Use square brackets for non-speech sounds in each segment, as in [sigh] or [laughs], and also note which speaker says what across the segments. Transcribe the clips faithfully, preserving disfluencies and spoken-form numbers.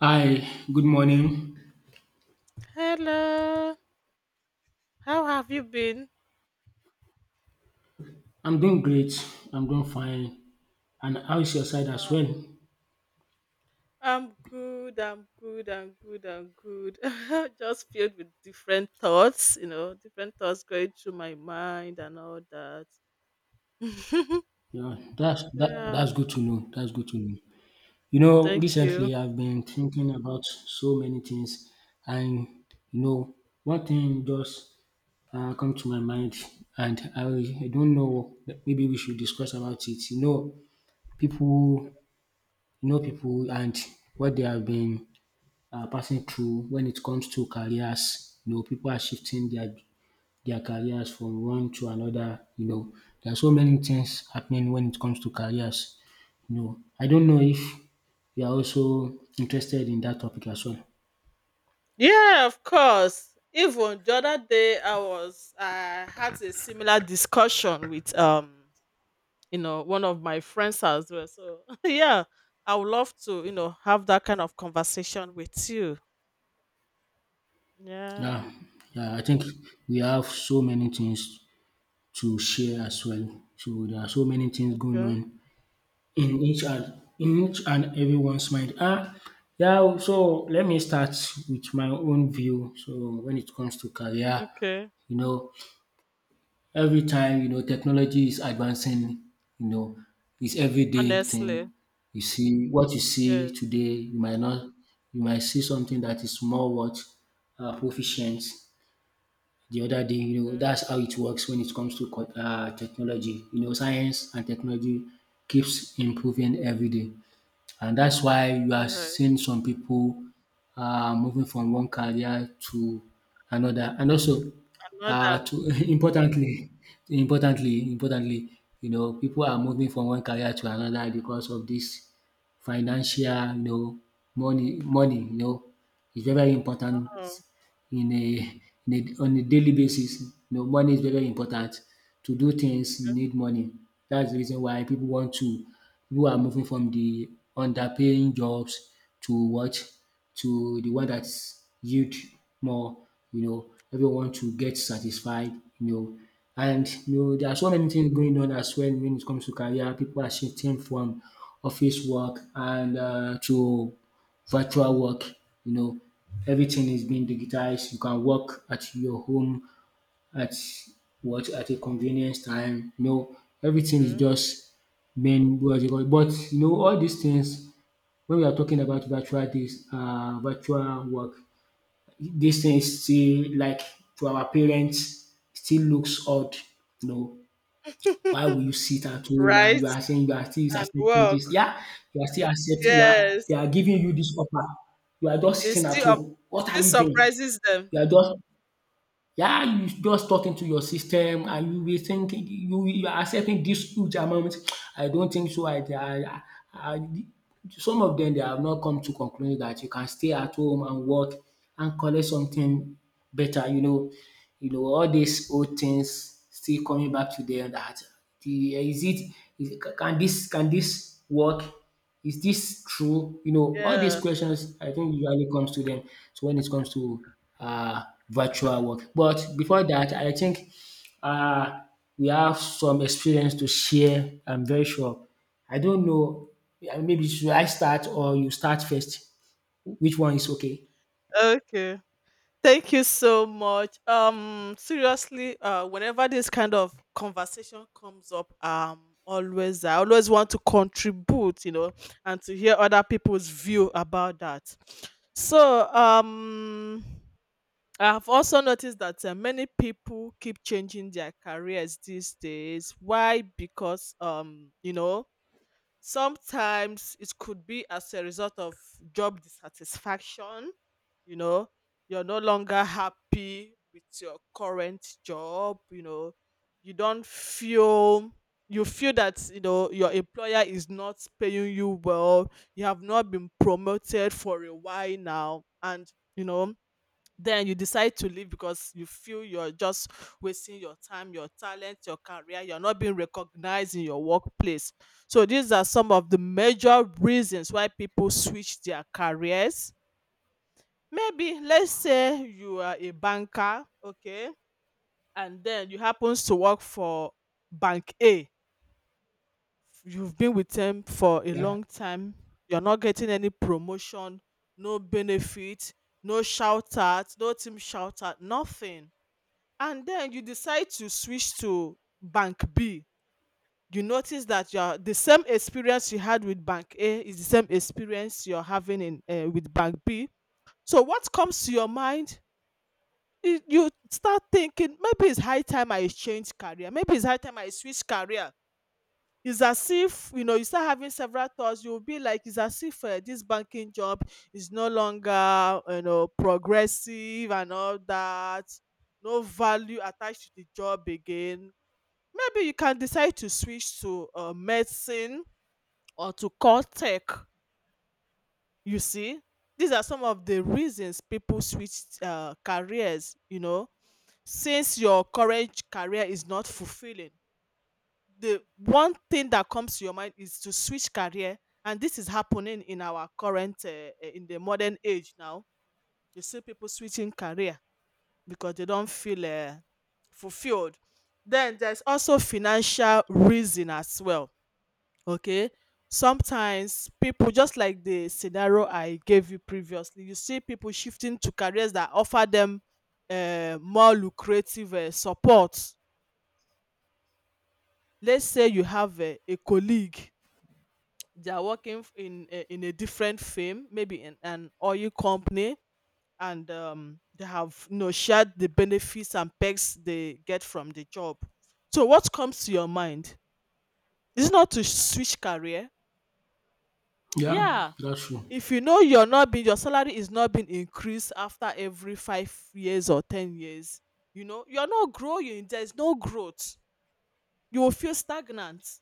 Speaker 1: Hi, good morning.
Speaker 2: Hello, how have you been?
Speaker 1: I'm doing great. I'm doing fine. And how is your side as
Speaker 2: Uh,
Speaker 1: well?
Speaker 2: I'm good, I'm good, I'm good, I'm good. [laughs] Just filled with different thoughts, you know, different thoughts going through my mind and all that. [laughs]
Speaker 1: Yeah, that's that,
Speaker 2: Yeah,
Speaker 1: that's good to know. That's good to know. You know,
Speaker 2: thank you.
Speaker 1: recently I've been thinking about so many things, and you know, one thing just uh, come to my mind, and I, I don't know. Maybe we should discuss about it. You know, people, you know, people, and what they have been uh, passing through when it comes to careers. You know, people are shifting their their careers from one to another, you know. There are so many things happening when it comes to careers, you know. I don't know if you are also interested in that topic as well.
Speaker 2: Yeah, of course. Even the other day, I was, I had a similar discussion with, um, you know, one of my friends as well. So, [laughs] yeah, I would love to, you know, have that kind of conversation with you. Yeah.
Speaker 1: Yeah, yeah, I think we have so many things to share as well. So there are so many things going
Speaker 2: Okay.
Speaker 1: on in each and in each and everyone's mind. Ah, yeah. So let me start with my own view. So when it comes to career,
Speaker 2: Okay.
Speaker 1: you know, Every time, you know, technology is advancing, you know, it's everyday
Speaker 2: Honestly.
Speaker 1: thing. You see what you see
Speaker 2: Yes.
Speaker 1: today, you might not, you might see something that is more what uh, proficient the other day. You know,
Speaker 2: True.
Speaker 1: that's how it works when it comes to co- uh, technology. You know, science and technology keeps improving every day. And that's why you are
Speaker 2: All right.
Speaker 1: seeing some people uh, moving from one career to another. And also,
Speaker 2: Another.
Speaker 1: uh, to [laughs] importantly, importantly, importantly, you know, people are moving from one career to another because of this financial, you know, money, money, you know, it's very, very important
Speaker 2: Oh.
Speaker 1: in a in a on a daily basis. You know, money is very very important. To do things you need money. That's the reason why people want to pipu are moving from the underpaying jobs to what? To the one that yield more, you know. Everyone to get satisfied, you know. And
Speaker 2: Okay.
Speaker 1: you know there are so many things going on as well when it comes to career. People are shifting from office work and um to virtual work. You know,
Speaker 2: Okay.
Speaker 1: everything is being digitized. You can work at your home at what at a convenience time. You know, everything is
Speaker 2: True.
Speaker 1: just being what you call. But you know, all these things when we are talking about virtual this uh, virtual work, these things still like to our parents still looks odd. You know, why will you sit at home and you
Speaker 2: Right,
Speaker 1: are saying you are still
Speaker 2: and
Speaker 1: accepting
Speaker 2: work.
Speaker 1: this? Yeah, you are still accepting, you are they
Speaker 2: Yes.
Speaker 1: are giving you this offer. You are just
Speaker 2: It
Speaker 1: sitting at
Speaker 2: still up.
Speaker 1: home.
Speaker 2: It
Speaker 1: What are
Speaker 2: still
Speaker 1: you doing?
Speaker 2: surprises them.
Speaker 1: You are just yeah, you just talking to your system and you be thinking you you are accepting this huge amount. I don't think so. I I I I Some of them they have not come to conclude that you can stay at home and work and collect something better, you know you know, all these old things still coming back to them that the eh, is it is, can this can this work? Is this true? You know, all these
Speaker 2: Yeah.
Speaker 1: questions I think usually comes to them. So when it comes to uh, virtual work, but before that, I think uh, we have some experience to share. I'm very sure. I don't know. uh, Maybe should I start or you start first? Which one is okay?
Speaker 2: Okay. Thank you so much. Um, seriously, uh, whenever this kind of conversation comes up, um, always I always want to contribute, you know, and to hear other people's view about that. So, um, I have also noticed that uh, many people keep changing their careers these days. Why? Because um, you know, sometimes it could be as a result of job dissatisfaction. You know, you're no longer happy with your current job. You know, you don't feel you feel that you know your employer is not paying you well. You have not been promoted for a while now, and you know then you decide to leave because you feel you're just wasting your time, your talent, your career, you're not being recognized in your workplace. So, these are some of the major reasons why people switch their careers. Maybe let's say you are a banker, okay, and then you happens to work for bank A. You've been with them for a
Speaker 1: Yeah.
Speaker 2: long time. You're not getting any promotion, no benefit, no shout out, no team shout out, nothing, and then you decide to switch to bank b. You notice that your the same experience you had with bank a is the same experience you're having in, uh, with bank b. So what comes to your mind? You you start thinking maybe it's high time I change career, maybe it's high time I switch career. It's as if you know you start having several thoughts. You'll be like, it's as if, uh, this banking job is no longer, you know, progressive and all that, no value attached to the job again. Maybe you can decide to switch to uh, medicine or to core tech. You see, these are some of the reasons people switch uh, careers, you know, since your current career is not fulfilling. The one thing that comes to your mind is to switch career, and this is happening in our current, uh, uh, in the modern age now. You see people switching career because they don't feel uh, fulfilled. Then there's also financial reason as well. Okay, sometimes people, just like the scenario I gave you previously, you see people shifting to careers that offer them uh, more lucrative uh, support. Let's say you have a a colleague. They are working f- in a, in a different firm, maybe in an oil company, and um, they have, you know, shared the benefits and perks they get from the job. So what comes to your mind? Is it not to switch career?
Speaker 1: Yeah,
Speaker 2: Yeah,
Speaker 1: that's true.
Speaker 2: if you know you're not being, your salary is not being increased after every five years or ten years, you know you're not growing, there's no growth, you will feel stagnant,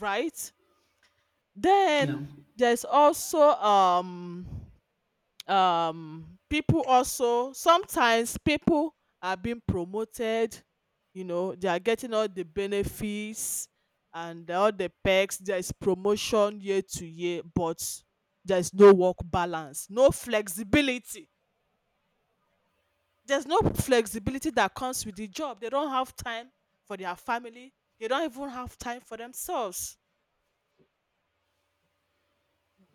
Speaker 2: right?
Speaker 1: Yeah.
Speaker 2: Then there's also um um people also, sometimes people are being promoted, you know they are getting all the benefits and all the perks, there is promotion year to year, but there is no work balance, no flexibility. There's no flexibility that comes with the job. They don't have time for their family, they don't even have time for themselves,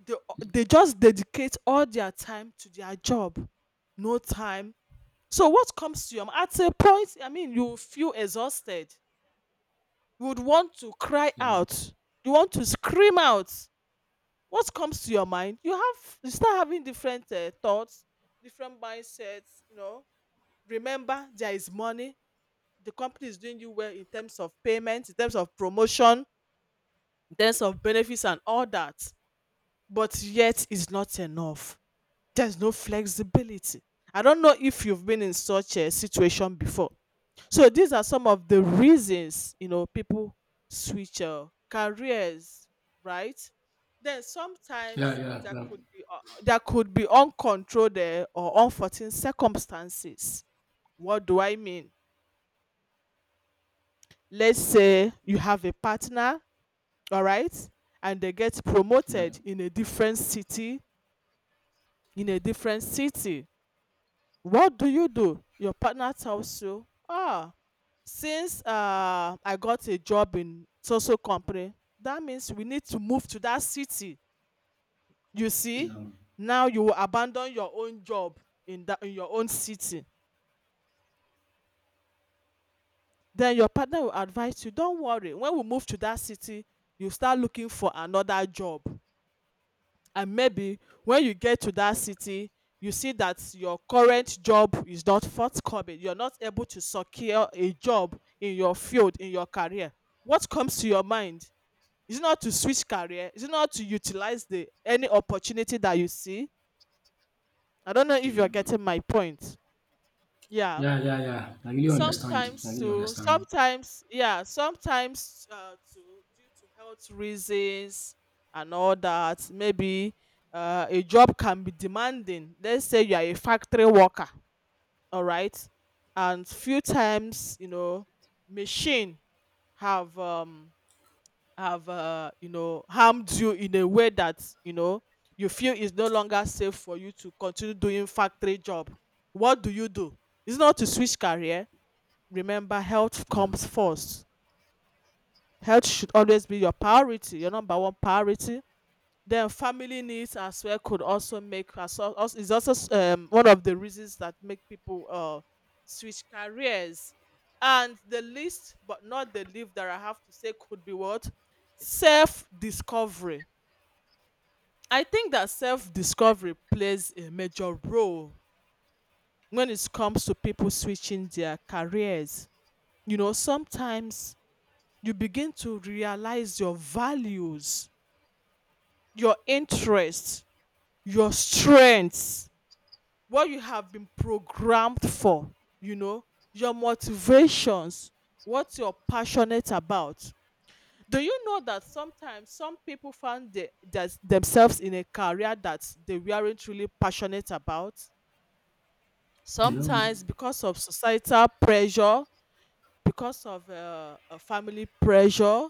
Speaker 2: they, they just dedicate all their time to their job, no time. So what comes to your mind? At a point, I mean, you feel exhausted. You would want to cry
Speaker 1: Yeah.
Speaker 2: out. You want to scream out. What comes to your mind? You have you start having different uh, thoughts, different mindsets. You know, remember there is money. The company is doing you well in terms of payment, in terms of promotion, in terms of benefits and all that. But yet, it's not enough. There's no flexibility. I don't know if you've been in such a situation before. So these are some of the reasons, you know, people switch uh, careers, right? Then
Speaker 1: Yeah,
Speaker 2: sometimes
Speaker 1: yeah,
Speaker 2: there
Speaker 1: yeah,
Speaker 2: could be uh, there could be uncontrolled uh, or unforeseen circumstances. What do I mean? Let's say you have a partner, all right, and they get
Speaker 1: yeah,
Speaker 2: promoted in a different city, in a different city What do you do? Your partner tells you, ah, since uh, I got a job in so so company, that means we need to move to that city. You see, now you will abandon your own job in that in your own city. Then your partner will advise you, don't worry. When we move to that city, you start looking for another job. And maybe when you get to that city, you see that your current job is not forthcoming, you're not able to secure a job in your field, in your career. What comes to your mind? Is it not to switch career? Is it not to utilize the any opportunity that you see? I don't know if you're getting my point. Yeah.
Speaker 1: yeah, yeah, yeah. I really understand. I
Speaker 2: Sometimes
Speaker 1: really
Speaker 2: too,
Speaker 1: understand.
Speaker 2: sometimes, yeah, sometimes uh, too, due to health reasons and all that, maybe uh, a job can be demanding. Let's say you are a factory worker, all right, and few times, you know, machine have um have uh, you know harmed you in a way that you know you feel is no longer safe for you to continue doing factory job. What do you do? It's not to switch career. Remember, health
Speaker 1: You know,
Speaker 2: comes first. Health should always be your priority, your number one priority. Then family needs as well could also make us also is also s- um, one of the reasons that make people uh switch careers. And the least but not the least that I have to say could be what? Self-discovery. I think that self-discovery plays a major role when it comes to people switching their careers. You know, sometimes you begin to realize your values, your interests, your strengths, what you have been programmed for, you know, your motivations, what you're passionate about. Do you know that sometimes some people find the, that themselves in a career that they weren't really passionate about?
Speaker 1: you know,
Speaker 2: Sometimes because of societal pressure, because of uh, uh, family pressure,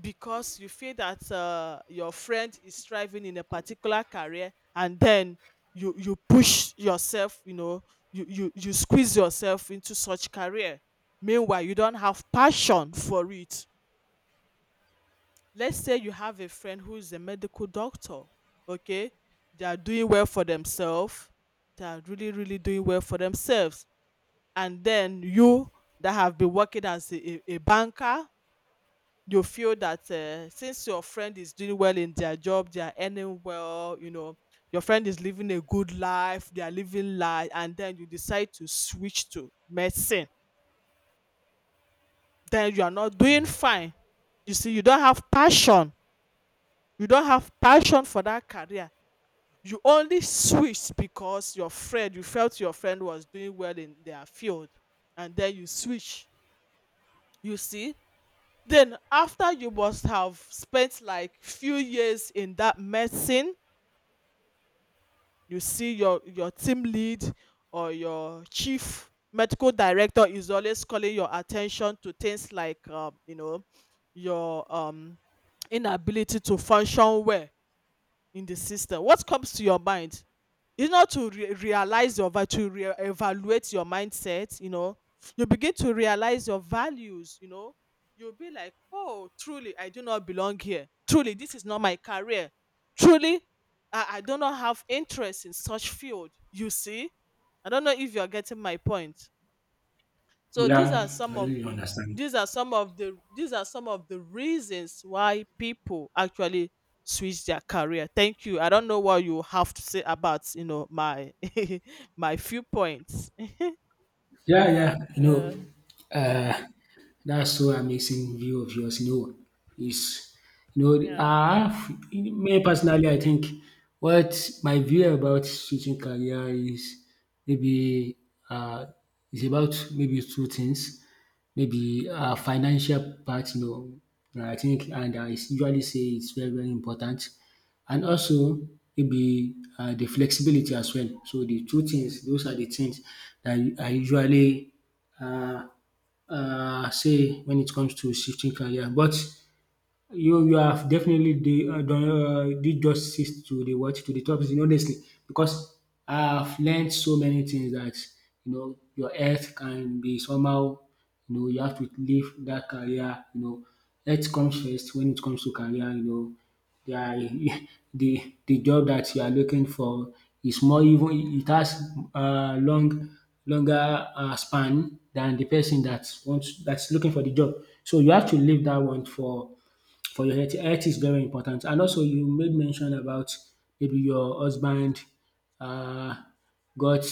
Speaker 2: because you feel that uh, your friend is striving in a particular career, and then you you push yourself, you know, you you you squeeze yourself into such career, meanwhile you don't have passion for it. Let's say you have a friend who is a medical doctor, okay, they are doing well for themselves, they are really really doing well for themselves, and then you, that have been working as a, a a banker, you feel that, uh, since your friend is doing well in their job, they are earning well, you know, your friend is living a good life, they are living life, and then you decide to switch to medicine, then you are not doing fine. You see, you don't have passion. You don't have passion for that career. You only switched because your friend, you felt your friend was doing well in their field, and then you switch. You see, then after you must have spent like few years in that medicine, you see your your team lead or your chief medical director is always calling your attention to things like, um, you know, your um, inability to function well in the system. What comes to your mind? It's not to re- realize your value, to re- evaluate your mindset, you know. You begin to realize your values, you know. You'll be like, oh, truly, I do not belong here. Truly, this is not my career. Truly, I, I do not have interest in such field. You see? I don't know if you're getting my point. So these are
Speaker 1: yeah, I
Speaker 2: some of
Speaker 1: really
Speaker 2: the
Speaker 1: understand.
Speaker 2: these are some of the these are some of the reasons why people actually switch their career. Thank you. I don't know what you have to say about you know my [laughs] my few points. [laughs]
Speaker 1: Yeah, yeah. You
Speaker 2: Uh,
Speaker 1: know, uh, That's so amazing view of yours. You know, is you know,
Speaker 2: yeah.
Speaker 1: I have me personally. I think what my view about switching career is maybe uh, is about maybe two things. Maybe uh, financial part. You know, I think, and I usually say it's very very important, and also maybe uh, the flexibility as well. So the two things, those are the things that I usually uh, um say when it comes to shifting career. But you you have definitely de- uh, done uh, did justice to the what to the topic you know, honestly because I've learned so many things that you know your health can be somehow. You know you have to leave that career you know health comes first when it comes to career you know there are, [laughs] the the job that you are looking for is more even it has uh, long longer uh, span than the person that wants that's looking for the job so you have to leave that one for for your health. Health is very important. And also you made mention about maybe your husband um got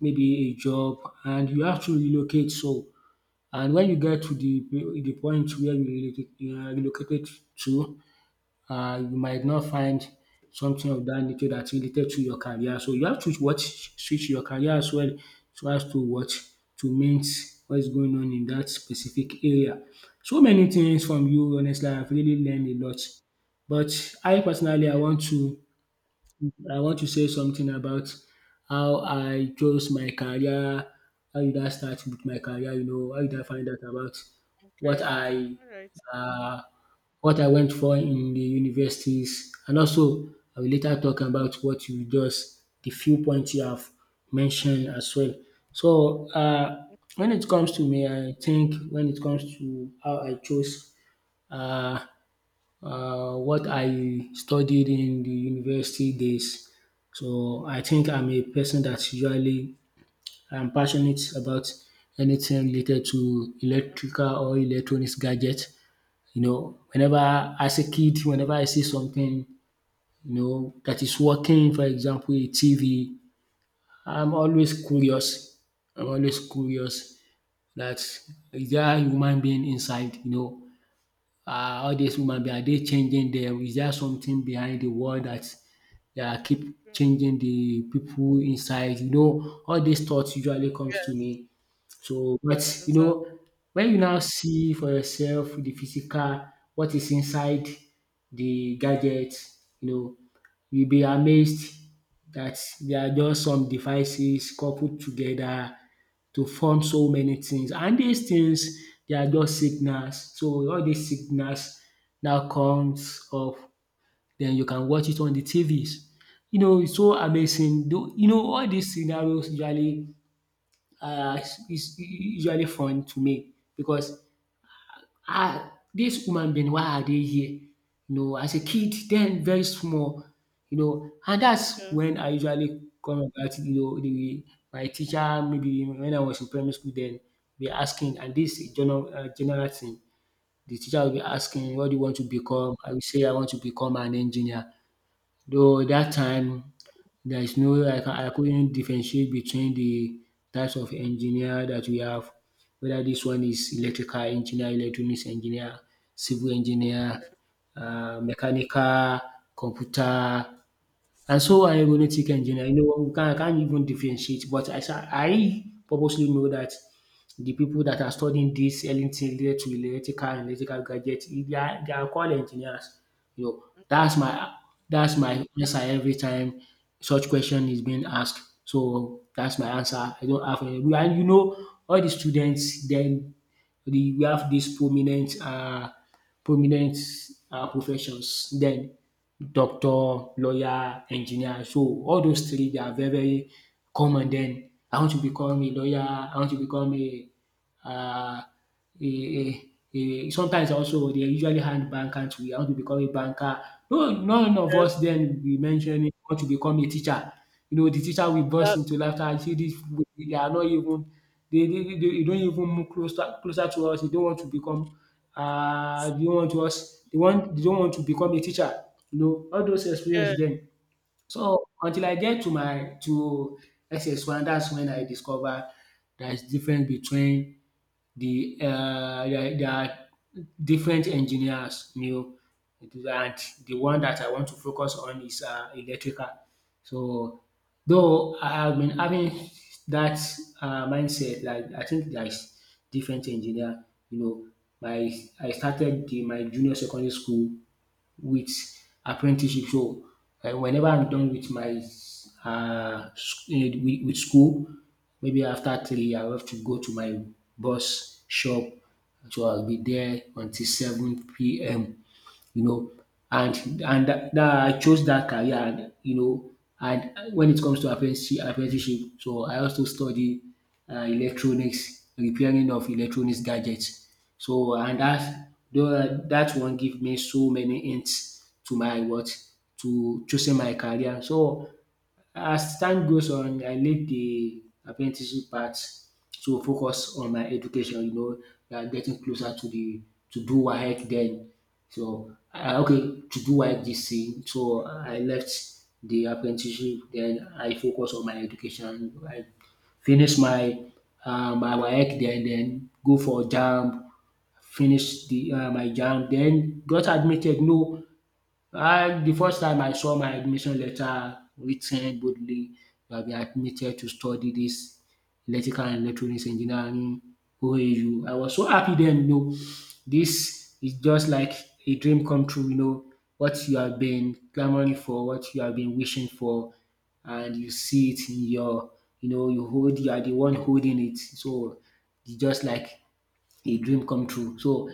Speaker 1: maybe a job and you have to relocate so and when you get to the the point where you relocated um relocated to uh, you might not find something of that nature that's related to your career. So you have to what switch your career as well so as to what to meet what is going on in that specific area. So many things from you, honestly, I've really learned a lot. But I personally I
Speaker 2: Yes.
Speaker 1: want to I want to say something about how I chose my career, how did I start with my career, you know, how did I find out about what
Speaker 2: Okay.
Speaker 1: I
Speaker 2: All right.
Speaker 1: uh, what I went for in the universities and also I will later talk about what you just the few points you have mentioned as well. So um when it comes to me I think when it comes to how I chose um what I studied in the university days so I think I'm a person that usually I'm passionate about anything related to electrical or electronics gadget. You know, whenever as a kid, whenever I see something, you know, that is working, for example, a T V, I'm always curious. I'm always curious that is there human being inside, you know, um all these human being are they changing dem? Is there something behind the wall that they are keep
Speaker 2: Okay.
Speaker 1: changing the people inside? You know, all these thoughts usually comes to
Speaker 2: Yes.
Speaker 1: me so, but
Speaker 2: Is
Speaker 1: you
Speaker 2: that?
Speaker 1: know, when you now see for yourself the physical, what is inside the gadget, you know, you'll be
Speaker 2: Mm-hmm.
Speaker 1: amazed that there are just some devices coupled together to form so many things. And these things, they are just signals. So all these signals now comes up, then you can watch it on the T Vs. You know, it's so amazing. Though- You know, all these scenarios usually uh, is is usually fun to me because ah, this human being why are they here? You know, as a kid then very small, you know, and that's
Speaker 2: Yeah.
Speaker 1: when I usually come about you know the my teacher maybe when I was in primary school then be asking and this is general uh, general thing. The teacher will be asking what do you want to become? I will say I want to become an engineer. Though that time there is no I can I couldn't differentiate between the types of engineer that we have, whether this one is electrical engineer, electronics engineer, civil engineer, uh, mechanical, computer and so I'm are aeronautic engineer. You know, we can I can't even differentiate, but I, sa- I purposely know that the people that are studying this anything related to electrical and electrical gadgets, eh, they are, they are called engineers. You know, that's
Speaker 2: Sure.
Speaker 1: my that's my answer every time such question is being asked. So that's my answer. I don't have any. And you know, all the students then the, we have these prominent uh, prominent uh, professions. Then doctor, lawyer, engineer. So all those three they are very very common. Then I want to become a lawyer, I want to become a um a a a sometimes also they usually hand bankers we want to become a banker. No none of us
Speaker 2: Yes.
Speaker 1: then we mentioned we want to become a teacher. You know the teacher will burst
Speaker 2: That.
Speaker 1: into laughter, you see dis they are not even they they they they don't even move closer closer to us, they don't want to become. Uh, they don't want to us they want they don't want to become a teacher. You know all those
Speaker 2: Yeah.
Speaker 1: experience then. So until I get to my to S S one that's when I discover there is difference between the um there there are different engineers you know and the one that I want to focus on is um electrical. So though I have been having that um mindset like I think there is different engineer. You know my I started the my junior secondary school with apprenticeship. So um whenever I'm done with my um with with school, maybe after three I will have to go to my boss shop. So I'll be there until seven p m, you know, and and that that I chose that career, and you know, and when it comes to apprentice- apprenticeship. So I also study uh, electronics, repairing of electronics gadgets. So and that tho- that one give me so many hints to my what to choosing my career. So as time goes on, I leave the apprenticeship part to focus on my education, you know, we are getting closer to the to do WAEC then. So, ah okay, to do WAEC this thing, so I left the apprenticeship then I focus on my education. I finish my um my WAEC then then go for JAMB, finish the um my JAMB then got admitted. No, um the first time I saw my admission letter writ boldly, "You have been admitted to study this electrical and electronics engineering O A U." I was so happy then, you know. This is just like a dream come true you know, What you have been clamoring for, what you have been wishing for, and you see it in your you know, you hold you are the one holding it. So, it's just like a dream come true. So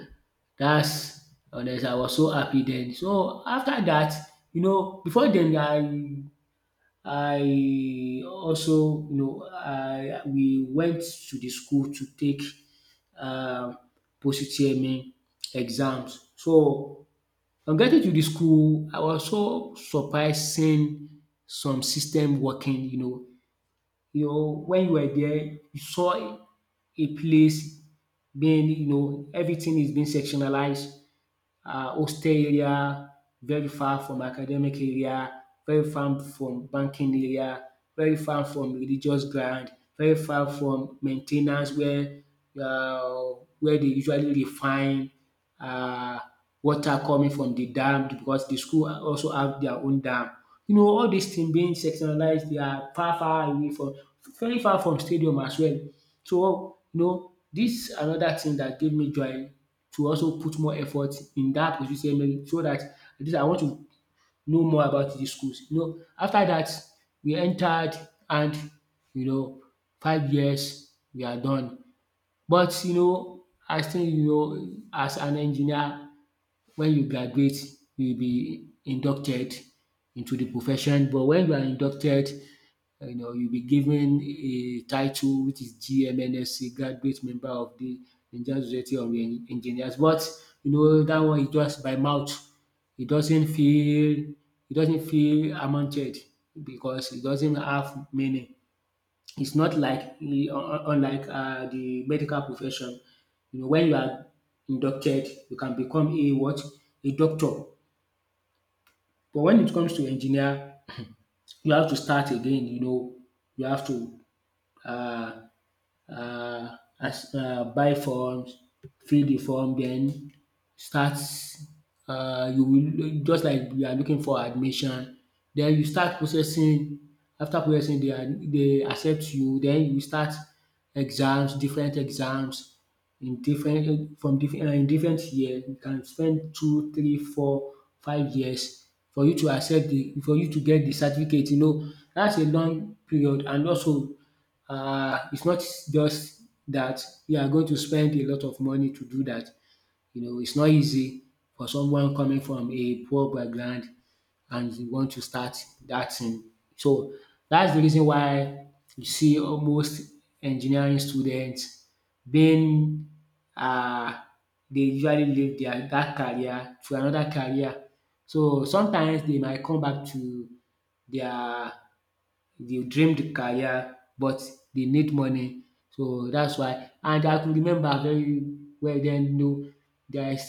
Speaker 1: that's honestly I was so happy then. So after that, you know, before then, I I also, you know I we went to the school to take um post-U T M E exams. So on getting to the school, I was so surprised seeing some system working, you know, you know, when you were there, you saw a a place being, you know, everything is being sectionalized, uh, hostel area, very far from academic area, very far from banking area, very far from religious ground, very far from main ten ance where um where they usually refine find um water coming from the dam because the school also have their own dam. You know all these things being sectionalized, they are far far away from very far from stadium as well. So you know this another thing that gave me joy to also put more effort in that dat, so that at least I want to know more about these schools. You know after that, we entered, and you know five years we are done. But you know I still, you know as an engineer, when you graduate, you will be inducted into the profession. But when you are inducted, you know, you'll be given a title, which is G M N S C, Graduate Member of the Nigerian Society of En- Engineers. But you know that one is just by mouth. It doesn't feel, it doesn't feel amounted, because it doesn't have meaning. It's not like eh, un- unlike uh, the medical profession. You know, when you are inducted, you can become a what, a doctor. But when it comes to engineer, you have to start again. You know, you have to, Uh, as um buy forms, fill the form, then start. Uh, you will just like you are looking for admission, then you start processing. After processing, dey they accept you, then you start exams, different exams in different from different, uh, in different year. You can spend two, three, four, five years for you to accept the for you to get the certificate, you know. That's a long period, and also uh, it's not just that you are going to spend a lot of money to do that. You know, it's not easy for someone coming from a poor background and you want to start that thing. So that's the reason why you see almost engineering students being, uh, they usually leave their that career to another career. So sometimes they might come back to their dey dreamed career, but dey need money, so dats why. And I could remember very well, den, you know there's,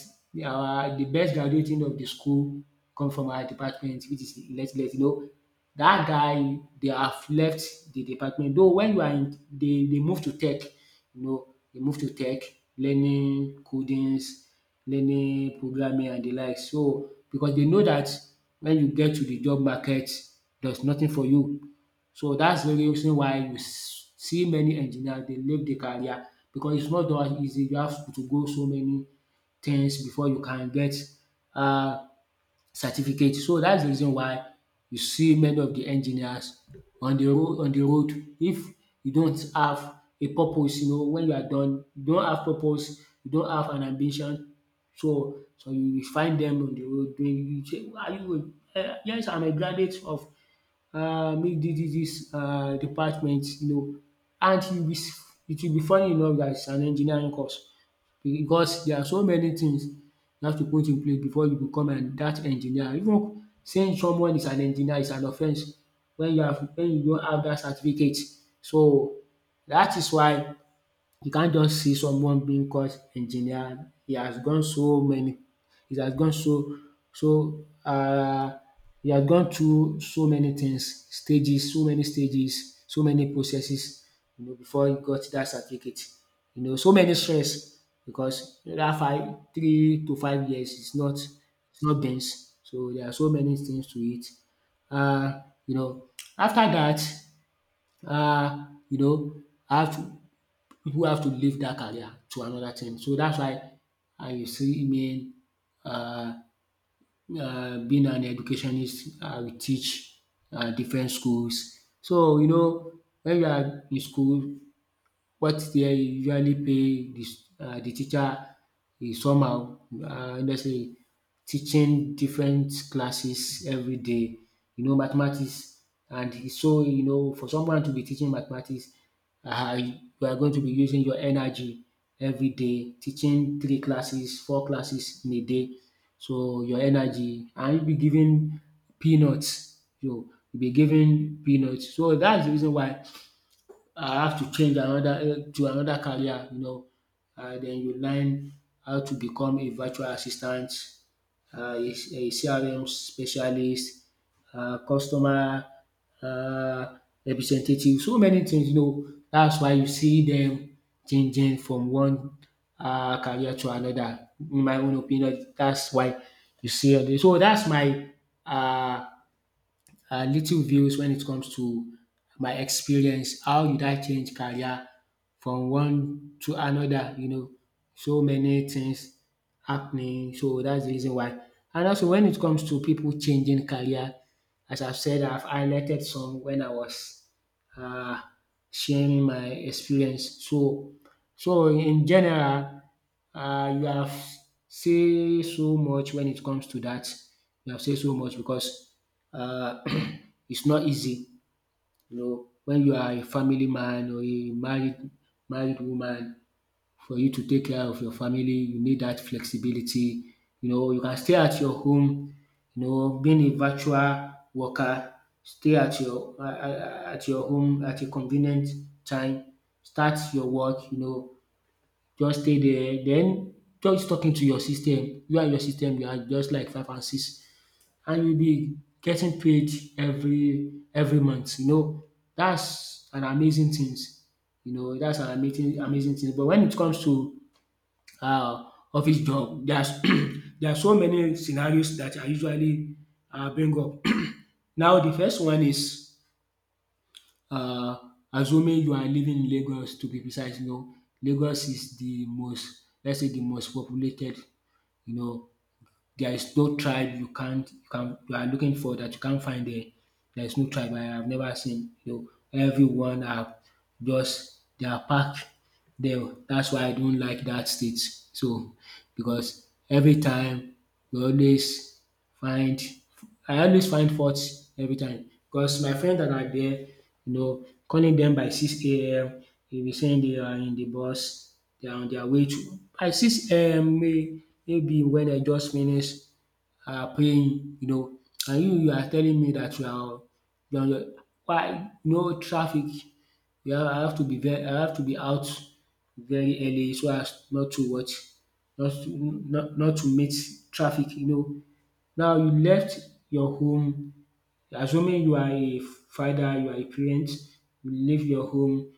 Speaker 1: our de best graduating of de school come from our department, which is Electlet. You know dat guy dey have left de department, though wen you are in, dey dey move to tech, you know dey move to tech, learning codings, learning programming and de likes. So because dey know dat wen you get to de job market, there is nothing for you. So that's the reason why you s- see many engineers dey leave the career because it's not that easy. You have to go so many things before you can get um certificate. So that's the reason why you see many of the engineers on the road, on the road. If you don't have a purpose, you know, when you are done, you don't have purpose, you don't have an ambition. So, so you will find them on the road doing, you say, "Why are you um yes I'm a graduate of um this this dis um department, you know and you will be s- it will be funny enough that it's an engineering course." Because there are so many things you have to put in place before you become an dat engineer. Even saying someone is an engineer is an offense wen you have, wen you don have dat certificate. So dat is why you can't just see someone being called engineer. He has gone so many, he has gone so, so um he has gone through so many things, stages, so many stages, so many processes, you know before he got dat certificate. You know so many stress, because dat five, three to five years is not, is not beans. So there are so many things to it. um you know after dat, um you know I have to people have to leave that career to another thing. So that's why, um you see me, um being an educationist, I will teach um different schools. So you know, when you are in school, what they usually pay the um the teacher is somehow, um honestly, teaching different classes everyday, you know, mathematics and e. So you know, for someone to be teaching mathematics, um you are going to be using your energy everyday, teaching three classes, four classes in a day. So your energy, and you be giving peanuts. You you'll be giving peanuts. So that's the reason why I have to change another, eh, to another career, you know. um den you learn how to become a virtual assistant, um a C R M specialist, um customer, um representative, so many things, you know. That's why you see them changing from one, um career to another. In my own opinion, that's why you see all dis. So that's my, uh uh, little views when it comes to my experience. How did I change career from one to another? You know, so many things happening. So that's the reason why. And also, when it comes to people changing career, as I've said, I've highlighted some when I was, uh, sharing my experience. So, so in general, uh, you have say so much when it comes to that. You have said so much because, uh, [clears throat] it's not easy. You know, when you are a family man or a married married woman, for you to take care of your family, you need that flexibility. You know, you can stay at your home, you know, being a virtual worker, stay at your, uh, uh, at your home at a convenient time, start your work, you know, just stay there, then just talking to your system. You and your system, you are just like five and six, and you'll be getting paid every every month. You know, that's an amazing things. You know, that's an amazing amazing thing. But when it comes to, uh, office job, there's [clears throat] there are so many scenarios that I usually, uh, bring up. [clears throat] Now, the first one is, uh, assuming you are living in Lagos, to be precise. You know, Lagos is the most, let's say, the most populated, you know. There is no tribe you can't you can you are looking for that you can't find there. There is no tribe I have never seen. You know, everyone are, just they are packed there. That's why I don't like that state. So because every time, you always find I always find fault every time, because my friends that are there, you know, calling them by six a m, they be saying they are in the bus, they are on their way to by six a m, may maybe when dem just finish, um praying, you know. And you you are telling me that you are you are on your, why no traffic, you have I have to be very I have to be out very early so as not to what, not to, not not to meet traffic, you know. Now you left your home, assuming you are a father, you are a parent, you leave your home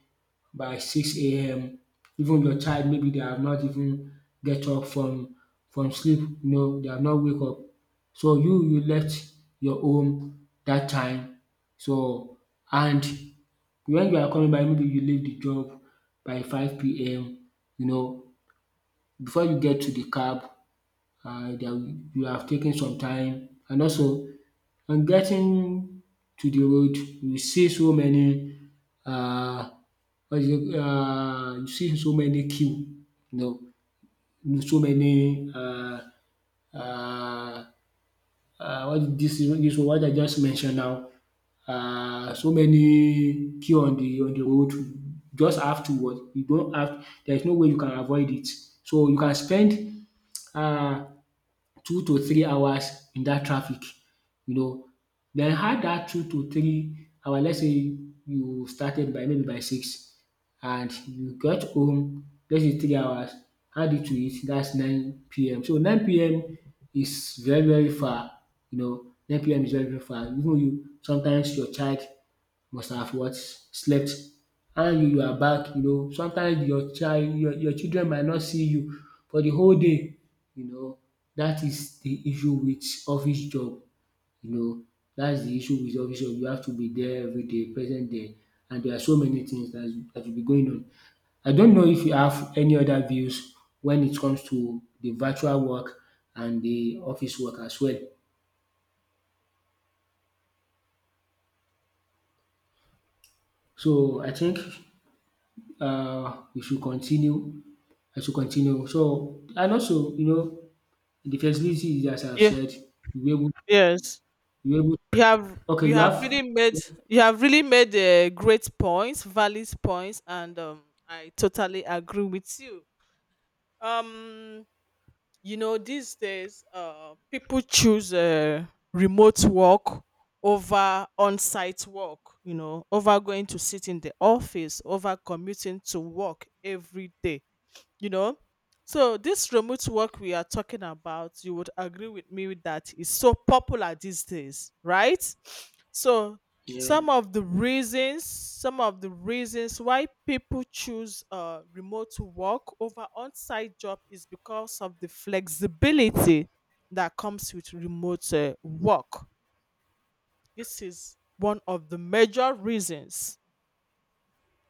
Speaker 1: by six a m. Even your child, maybe they have not even get up from from sleep, you know, they have not wake up. So you you left your home that time so and when you are coming back, maybe you leave the job by five PM. You know, before you get to the cab, um you have taken some time. And also, on getting to the road, you see so many um what is it um you see so many queue, you know, so many um um what dis dis one wey I just mention now, um so many queue on the on the road. Just have to what you don't have, there is no way you can avoid it. So you can spend um two to three hours in that traffic, you know. Then, add dat two to three hours. Let's say you started by maybe by six and you got home, let's say three hours, add it to it. That's nine p m. So nine p m is very, very far, you know. nine p m is very, very far. Even you sometimes your child must have what? Slept. And you are back. You know, sometimes your child, your your children might not see you for the whole day, you know. That is the issue with office job, you know. That's the issue with office job. You have to be there everyday, present there, and there are so many things that that will be going on. I don't know if you have any other views when it comes to the virtual work and the office work as well. So I think um we should continue I should continue. So, and also, you know, the flexibility is as I've
Speaker 2: Yeah.
Speaker 1: said, you were able,
Speaker 2: Yes.
Speaker 1: you were able.
Speaker 2: you have
Speaker 1: Okay,
Speaker 2: you
Speaker 1: you
Speaker 2: have
Speaker 1: have.
Speaker 2: really made you have really made uh, great points, valid points, and um, I totally agree with you. um you know, these days uh people choose uh, remote work over on-site work, you know, over going to sit in the office, over commuting to work every day, you know. So this remote work we are talking about, you would agree with me that is so popular these days, right? So
Speaker 1: Yeah,
Speaker 2: some of the reasons some of the reasons why people choose uh, remote work over on-site job is because of the flexibility that comes with remote uh, work. This is one of the major reasons.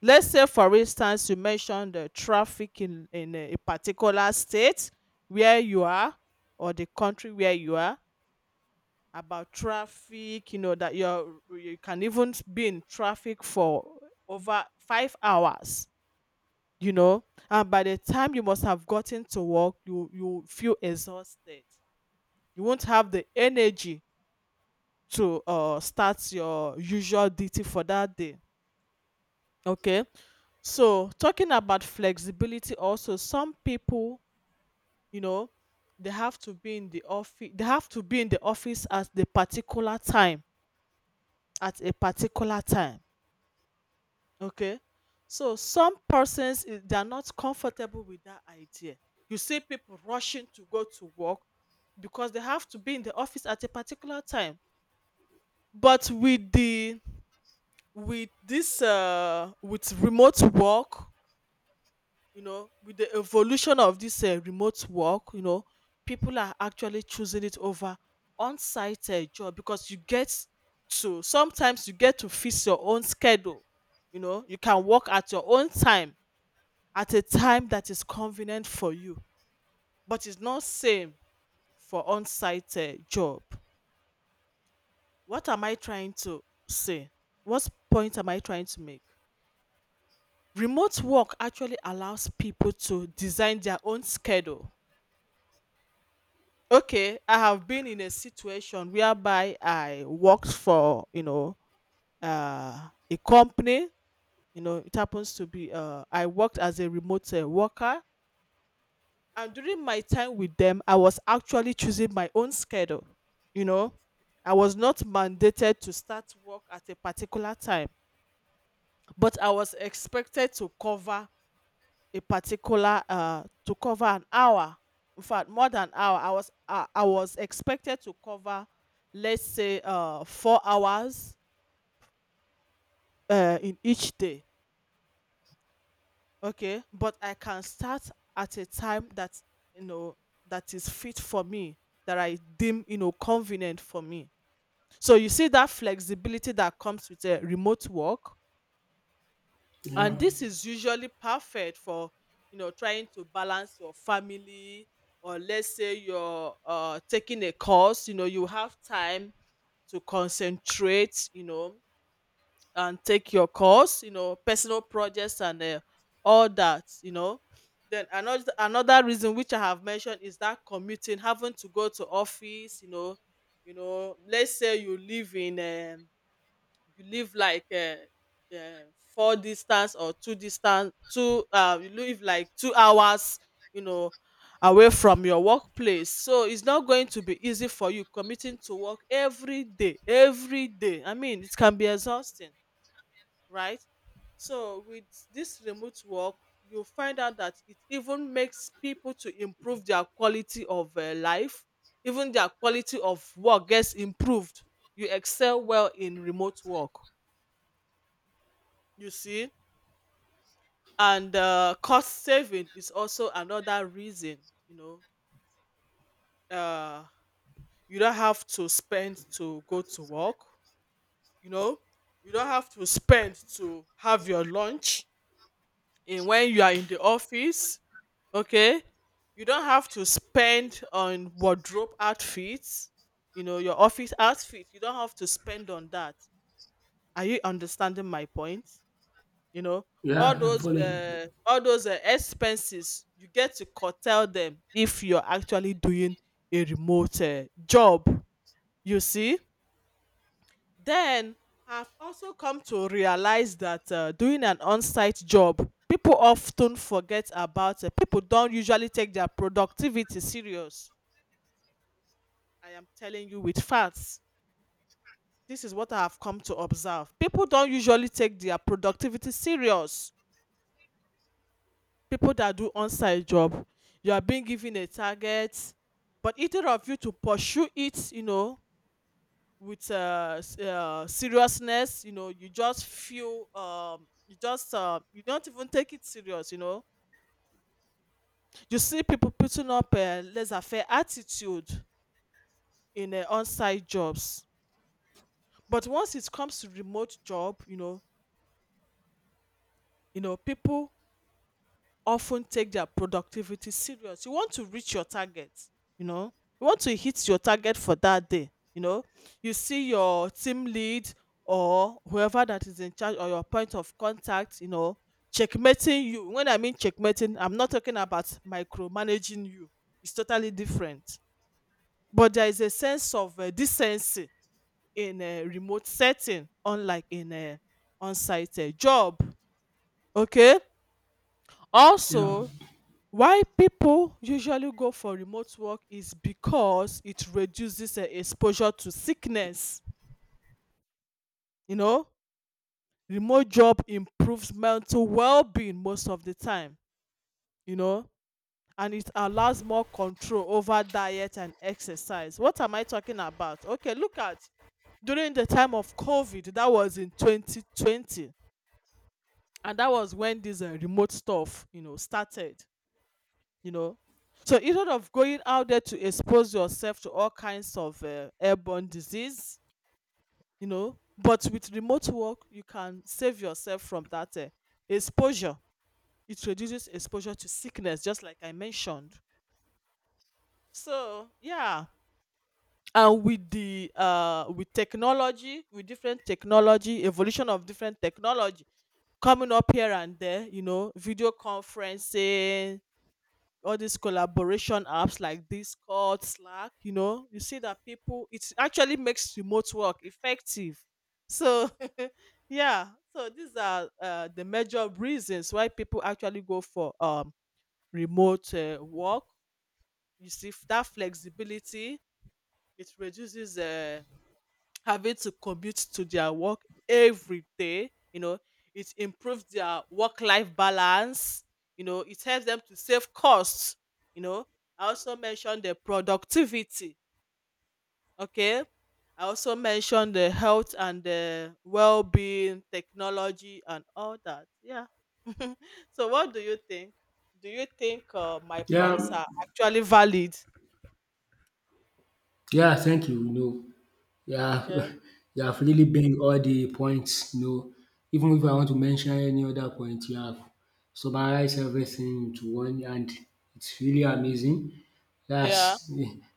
Speaker 2: Let's say, for instance, you mentioned the traffic in, in a particular state where you are, or the country where you are. About traffic, you know, that you're, you can even be in traffic for over five hours, you know, and by the time you must have gotten to work, you, you feel exhausted. You won't have the energy to uh, start your usual duty for that day. Okay. So, talking about flexibility also, some people, you know, they have to be in the office, they have to be in the office at the particular time, at a particular time, okay? So, some persons eh, they are not comfortable with that idea. You see people rushing to go to work because they have to be in the office at a particular time. But with the with this uh with remote work, you know, with the evolution of this uh, remote work, you know, people are actually choosing it over on-site uh, job, because you get to, sometimes you get to fix your own schedule. You know, you can work at your own time, at a time that is convenient for you, but it's not same for on-site uh, job. what am i trying to say what point am I trying to make? Remote work actually allows people to design their own schedule. Okay, I have been in a situation whereby I worked for, you know, uh, a company. You know, it happens to be, uh, I worked as a remote uh, worker. And during my time with them, I was actually choosing my own schedule. You know, I was not mandated to start work at a particular time, but I was expected to cover a particular uh, to cover an hour. In fact, more than hour. I was uh, I was expected to cover, let's say, uh, four hours uh, in each day. Okay, but I can start at a time that, you know, that is fit for me, that I deem, you know, convenient for me. So you see that flexibility that comes with a remote work. And
Speaker 1: yeah,
Speaker 2: this is usually perfect for, you know, trying to balance your family, or let's say you're uh, taking a course, you know, you have time to concentrate, you know, and take your course, you know, personal projects and uh, all that, you know. Then another another reason which I have mentioned is that commuting, having to go to office, you know, you know, let's say you live in, um you live like, um um four distance or two distance two uh you live like two hours, you know, away from your workplace. So it's not going to be easy for you commuting to work every day, every day. I mean, it can be exhausting, right? So with this remote work, you find out that it even makes people to improve their quality of uh, life. Even their quality of work gets improved. You excel well in remote work, you see. And uh, cost saving is also another reason, you know, uh, you don't have to spend to go to work, you know, you don't have to spend to have your lunch in when you are in the office, okay. You don't have to spend on wardrobe outfits, you know, your office outfit, you don't have to spend on that. Are you understanding my point? You know, all
Speaker 1: yeah. I'm
Speaker 2: those
Speaker 1: following.
Speaker 2: uh, all those uh, expenses, you get to curtail them if you're actually doing a remote uh, job. You see? Then I've also come to realize that uh, doing an on-site job, people often forget about it. People don't usually take their productivity serious. I am telling you with facts. This is what I have come to observe. People don't usually take their productivity serious. People that do on-site job, you are being given a target, but either of you to pursue it, you know, with uh, s- uh, seriousness, you know, you just feel, um, you just, uh, you don't even take it serious, you know. You see people putting up a laissez-faire attitude in uh, on-site jobs, but once it comes to remote job, you know, you know, people often take their productivity serious. You want to reach your target, you know, you want to hit your target for that day, you know. You see your team lead or whoever that is in charge, or your point of contact, you know, checkmating you. When I mean checkmating, I'm not talking about micromanaging you, it's totally different. But there is a sense of uh, decency in a remote setting, unlike in a on site uh, job. Okay.
Speaker 1: Yeah,
Speaker 2: Also, why people usually go for remote work is because it reduces eh, exposure to sickness. You know, remote job improves mental well-being most of the time, you know, and it allows more control over diet and exercise. What am I talking about? Okay, look at during the time of COVID, that was in twenty twenty, and that was when this uh, remote stuff, you know, started, you know. So instead of going out there to expose yourself to all kinds of uh, airborne disease, you know, but with remote work you can save yourself from that uh, exposure. It reduces exposure to sickness, just like I mentioned. So, yeah. And with the uh with technology, with different technology, evolution of different technology coming up here and there, you know, video conferencing, all these collaboration apps like Discord, Slack, you know, you see that people, it actually makes remote work effective. So, [laughs] yeah, so these are uh, the major reasons why people actually go for um, remote uh, work. You see f- that flexibility, it reduces uh, having to commute to their work every day. You know, it improves their work life balance. You know, it helps them to save costs. You know, I also mentioned the productivity. Okay. I also mentioned the health and the well being, technology, and all that. Yeah. [laughs] So, what do you think? Do you think uh, my points
Speaker 1: yeah,
Speaker 2: are actually valid?
Speaker 1: yeah. Thank you. You know, yeah,
Speaker 2: Okay.
Speaker 1: [laughs] you have really been all the points. You know, even if I want to mention any other point, you have summarized everything into one, and it's really amazing.
Speaker 2: Yeah.
Speaker 1: That's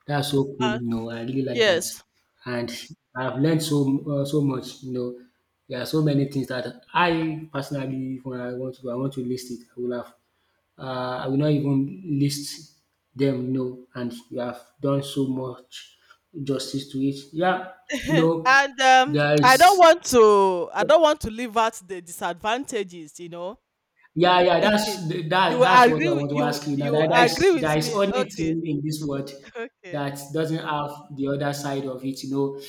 Speaker 1: that's so cool,
Speaker 2: Uh,
Speaker 1: you know. I really like that,
Speaker 2: yes.
Speaker 1: and I've learned so uh, so much. You know, there are so many things that I personally, when I want to go, I want to list it. I will have, uh, I will not even list them. You know, and you have done so much justice to it. Yeah, you
Speaker 2: [laughs]
Speaker 1: know,
Speaker 2: And um,
Speaker 1: there
Speaker 2: I don't
Speaker 1: is...
Speaker 2: want to I don't want to leave out the disadvantages, you know.
Speaker 1: Yeah, yeah,
Speaker 2: [laughs]
Speaker 1: that's
Speaker 2: You
Speaker 1: that
Speaker 2: will
Speaker 1: that's what I
Speaker 2: agree with-
Speaker 1: want to
Speaker 2: you
Speaker 1: ask you now.
Speaker 2: you
Speaker 1: That there is
Speaker 2: agree
Speaker 1: there
Speaker 2: with
Speaker 1: is
Speaker 2: me.
Speaker 1: only
Speaker 2: Okay.
Speaker 1: thing in this world
Speaker 2: [laughs] Okay.
Speaker 1: that doesn't have the other side of it, you know.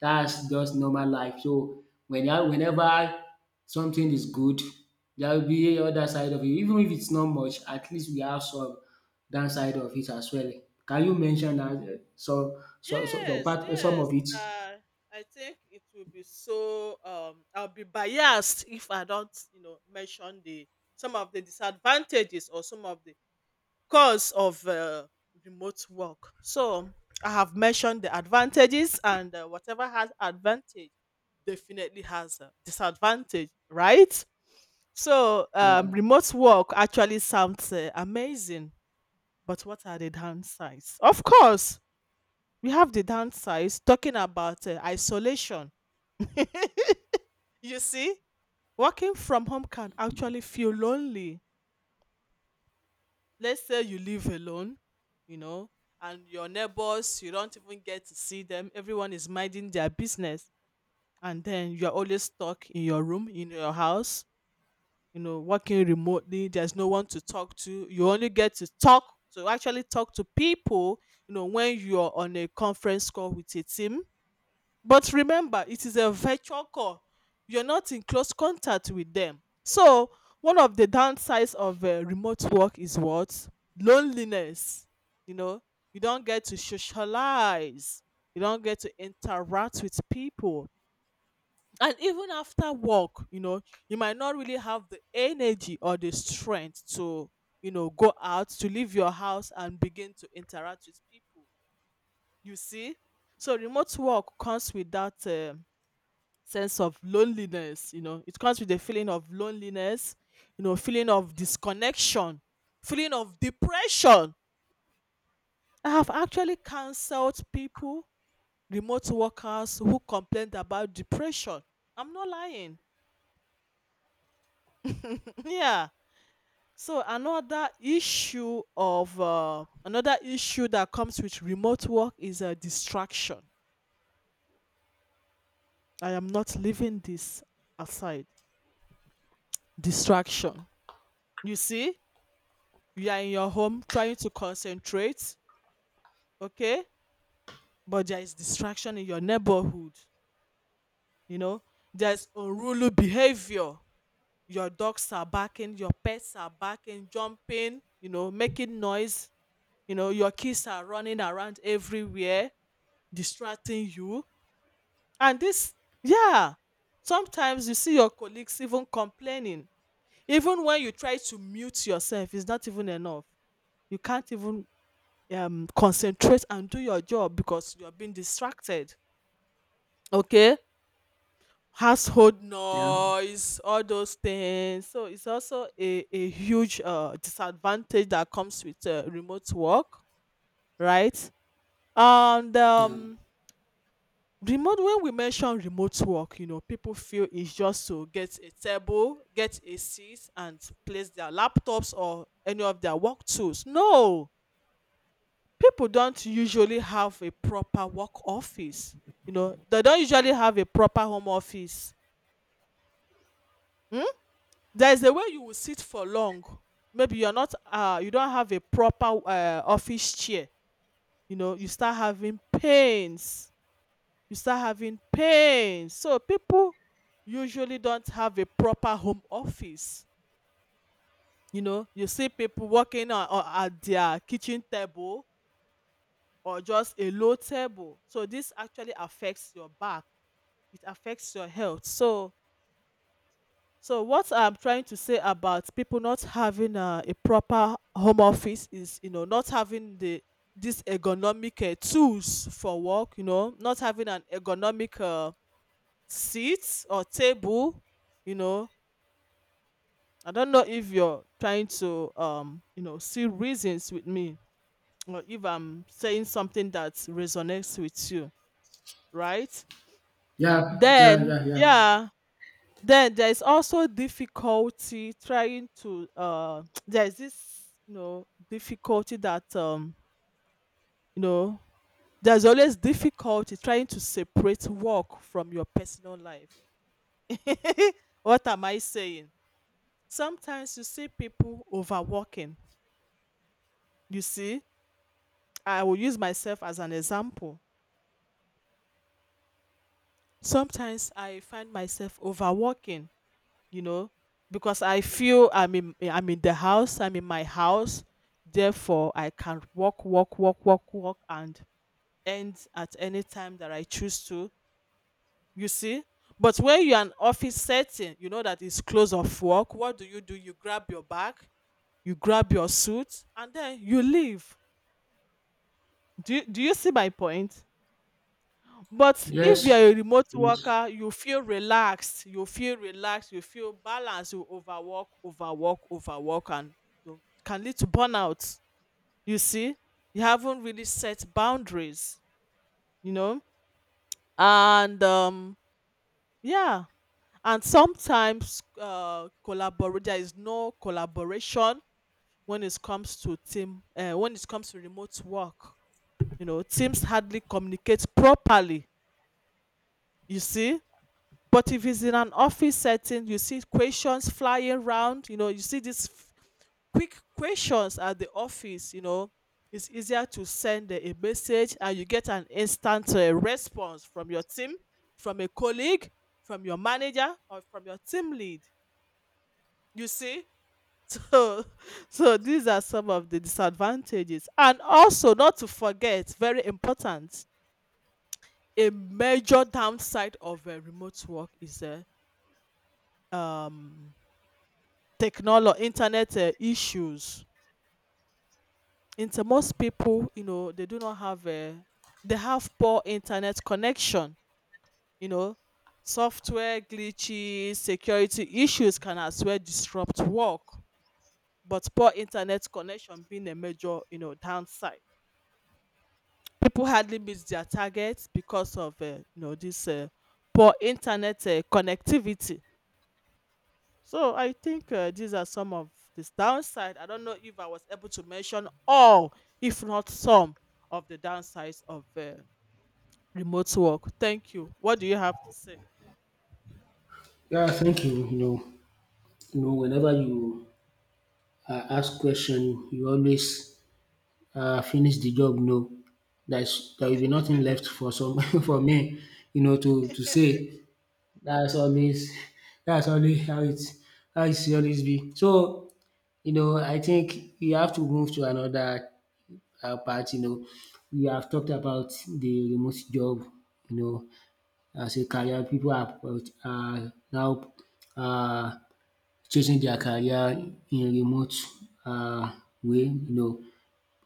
Speaker 1: That's
Speaker 2: Yes. Yes.
Speaker 1: just normal life. So when I- whenever something is good, there will be other side of it. Even if it's not much, at least we have some downside of it as well. Can you mention that eh, so so so some
Speaker 2: Yes,
Speaker 1: part some
Speaker 2: yes.
Speaker 1: of it?
Speaker 2: Uh, I think it will be so. Um, I'll be biased if I don't, you know, mention the some of the disadvantages or some of the cause of uh, remote work. So I have mentioned the advantages, and uh, whatever has advantage definitely has a disadvantage, right? So um,
Speaker 1: Yeah,
Speaker 2: remote work actually sounds uh, amazing, but what are the downsides? Of course, we have the downsides, talking about uh, isolation. [laughs] You see, working from home can actually feel lonely. Let's say you live alone, you know, and your neighbors, you don't even get to see them. Everyone is minding their business. And then you're always stuck in your room, in your house, you know, working remotely. There's no one to talk to. You only get to talk, to actually talk to people, you know, when you're on a conference call with a team, but remember, it is a virtual call. You're not in close contact with them. So, one of the downsides of uh, remote work is what? Loneliness. You know, you don't get to socialize, you don't get to interact with people. And even after work, you know, you might not really have the energy or the strength to, you know, go out, to leave your house and begin to interact with people. You see? So, remote work comes with that um sense of loneliness. You know, it comes with a feeling of loneliness, you know, feeling of disconnection, feeling of depression. I have actually counseled people, remote workers who complained about depression. I'm not lying. [laughs] Yeah. So another issue of uh, another issue that comes with remote work is a distraction. I am not leaving this aside. Distraction. You see, you are in your home trying to concentrate, okay, but there is distraction in your neighborhood, you know. There's unruly behavior. Your dogs are barking, your pets are barking, jumping, you know, making noise. You know, your kids are running around everywhere, distracting you. And this, yeah, sometimes you see your colleagues even complaining, even when you try to mute yourself it's not even enough. You can't even um, concentrate and do your job because you're being distracted, okay. Household
Speaker 1: yeah,
Speaker 2: noise, all those things. So it's also a, a huge uh, disadvantage that comes with uh, remote work, right? And
Speaker 1: yeah.
Speaker 2: um, remote, when we mention remote work, you know, people feel it's just to get a table, get a seat, and place their laptops or any of their work tools. No, people don't usually have a proper work office. You know, they don't usually have a proper home office. Hmm? There's a way you will sit for long. Maybe you're not uh you don't have a proper uh, office chair, you know, you start having pains. You start having pains, so people usually don't have a proper home office, you know. You see people working on, on at their kitchen table or just a low table, so this actually affects your back. It affects your health, so so what I'm trying to say about people not having uh, a proper home office is, you know, not having the this ergonomic uh, tools for work, you know, not having an ergonomic uh, seat or table, you know. I don't know if you're trying to, um, you know, see reasons with me, or if I'm saying something that resonates with you, right?
Speaker 1: Yeah, yeah,
Speaker 2: Then,
Speaker 1: yeah, yeah.
Speaker 2: yeah, Then there is also difficulty trying to uh [tsk] there is this, you know, difficulty that um you know there's always difficulty trying to separate work from your personal life. [laughs] What am I saying? Sometimes you see people overworking. You see, I will use myself as an example. Sometimes I find myself overworking, you know, because I feel i'm in i'm in the house. I'm in my house, therefore I can walk, walk, walk, walk, walk, and end at any time that I choose to. You see, but when you're an office setting, you know that it's close of work. What do you do? You grab your bag, you grab your suit, and then you leave. Do you, do you see my point? But if you are a
Speaker 1: Yes.
Speaker 2: remote
Speaker 1: Yes.
Speaker 2: worker, you feel relaxed, you feel relaxed, you feel balanced, you overwork, overwork, overwork, and you can lead to burnout. You see, you haven't really set boundaries, you know, and um, yeah, and sometimes uh, collaborate. there is no collaboration when it comes to team. Uh, when it comes to remote work, you know, teams hardly communicate properly. You see, but if it's in an office setting, you see questions flying around. You know, you see these f- quick questions at the office. You know, it's easier to send a a message and you get an instant uh, response from your team, from a colleague, from your manager, or from your team lead. You see. [laughs] So, so these are some of the disadvantages. And also, not to forget, very important, a major downside of uh, remote work is uh, um technology, internet uh, issues. Into most people, you know, they do not have a, they have poor internet connection. You know, software glitches, security issues can as well disrupt work. But poor internet connection being a major, you know, downside. People hardly miss their targets because of, uh, you know, this uh, poor internet uh, connectivity. So I think uh, these are some of this downside. I don't know if I was able to mention all, if not some, of the downsides of uh, remote work. Thank you. What do you have to say?
Speaker 1: Yeah, thank you. You know, you know whenever you uh, ask question, you always uh, finish the job. No, there's there will be nothing left for some [laughs] for me. You know to to say that's always that's always how it, how it should always be. So you know, I think we have to move to another uh, part. You know, we have talked about the remote job. You know, as a career, people are uh, now, Uh, chasing their career in remote uh, way, you know.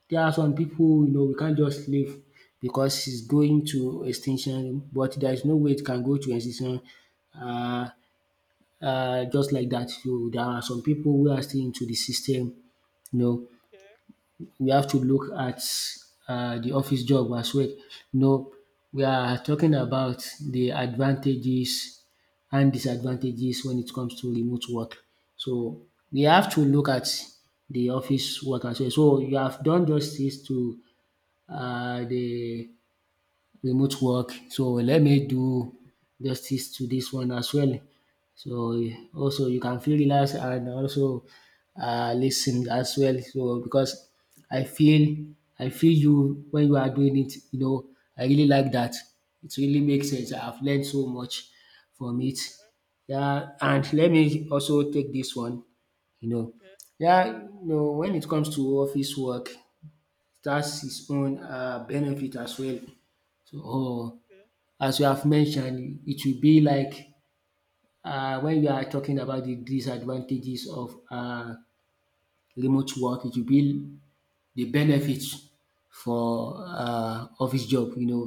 Speaker 1: There are some people, you know, we can't just leave because it's going to extinction, but there is no way it can go to extinction uh, uh, just like that. So there are some people who are still into the system, you know.
Speaker 2: Okay.
Speaker 1: We have to look at um the office job as well. No, we
Speaker 2: Okay.
Speaker 1: are talking about the advantages and disadvantages when it comes to remote work. So we have to look
Speaker 2: Mm.
Speaker 1: at the office work as well. So you have done justice to um the remote work. So let me do justice to this one as well. So also you can feel relaxed and also uh, listen as well. So because I feel I feel you when you are doing it, you know, I really like that. It really makes sense. I've learned so much from it. Yeah, and let me also take this one, you know.
Speaker 2: Okay.
Speaker 1: Yeah, you know, when it comes to office work, that's his own uh benefit as well. So, or
Speaker 2: Okay.
Speaker 1: as you have mentioned, it will be like uh when you are talking about the disadvantages of uh remote work, it will be the benefits for uh office job, you know.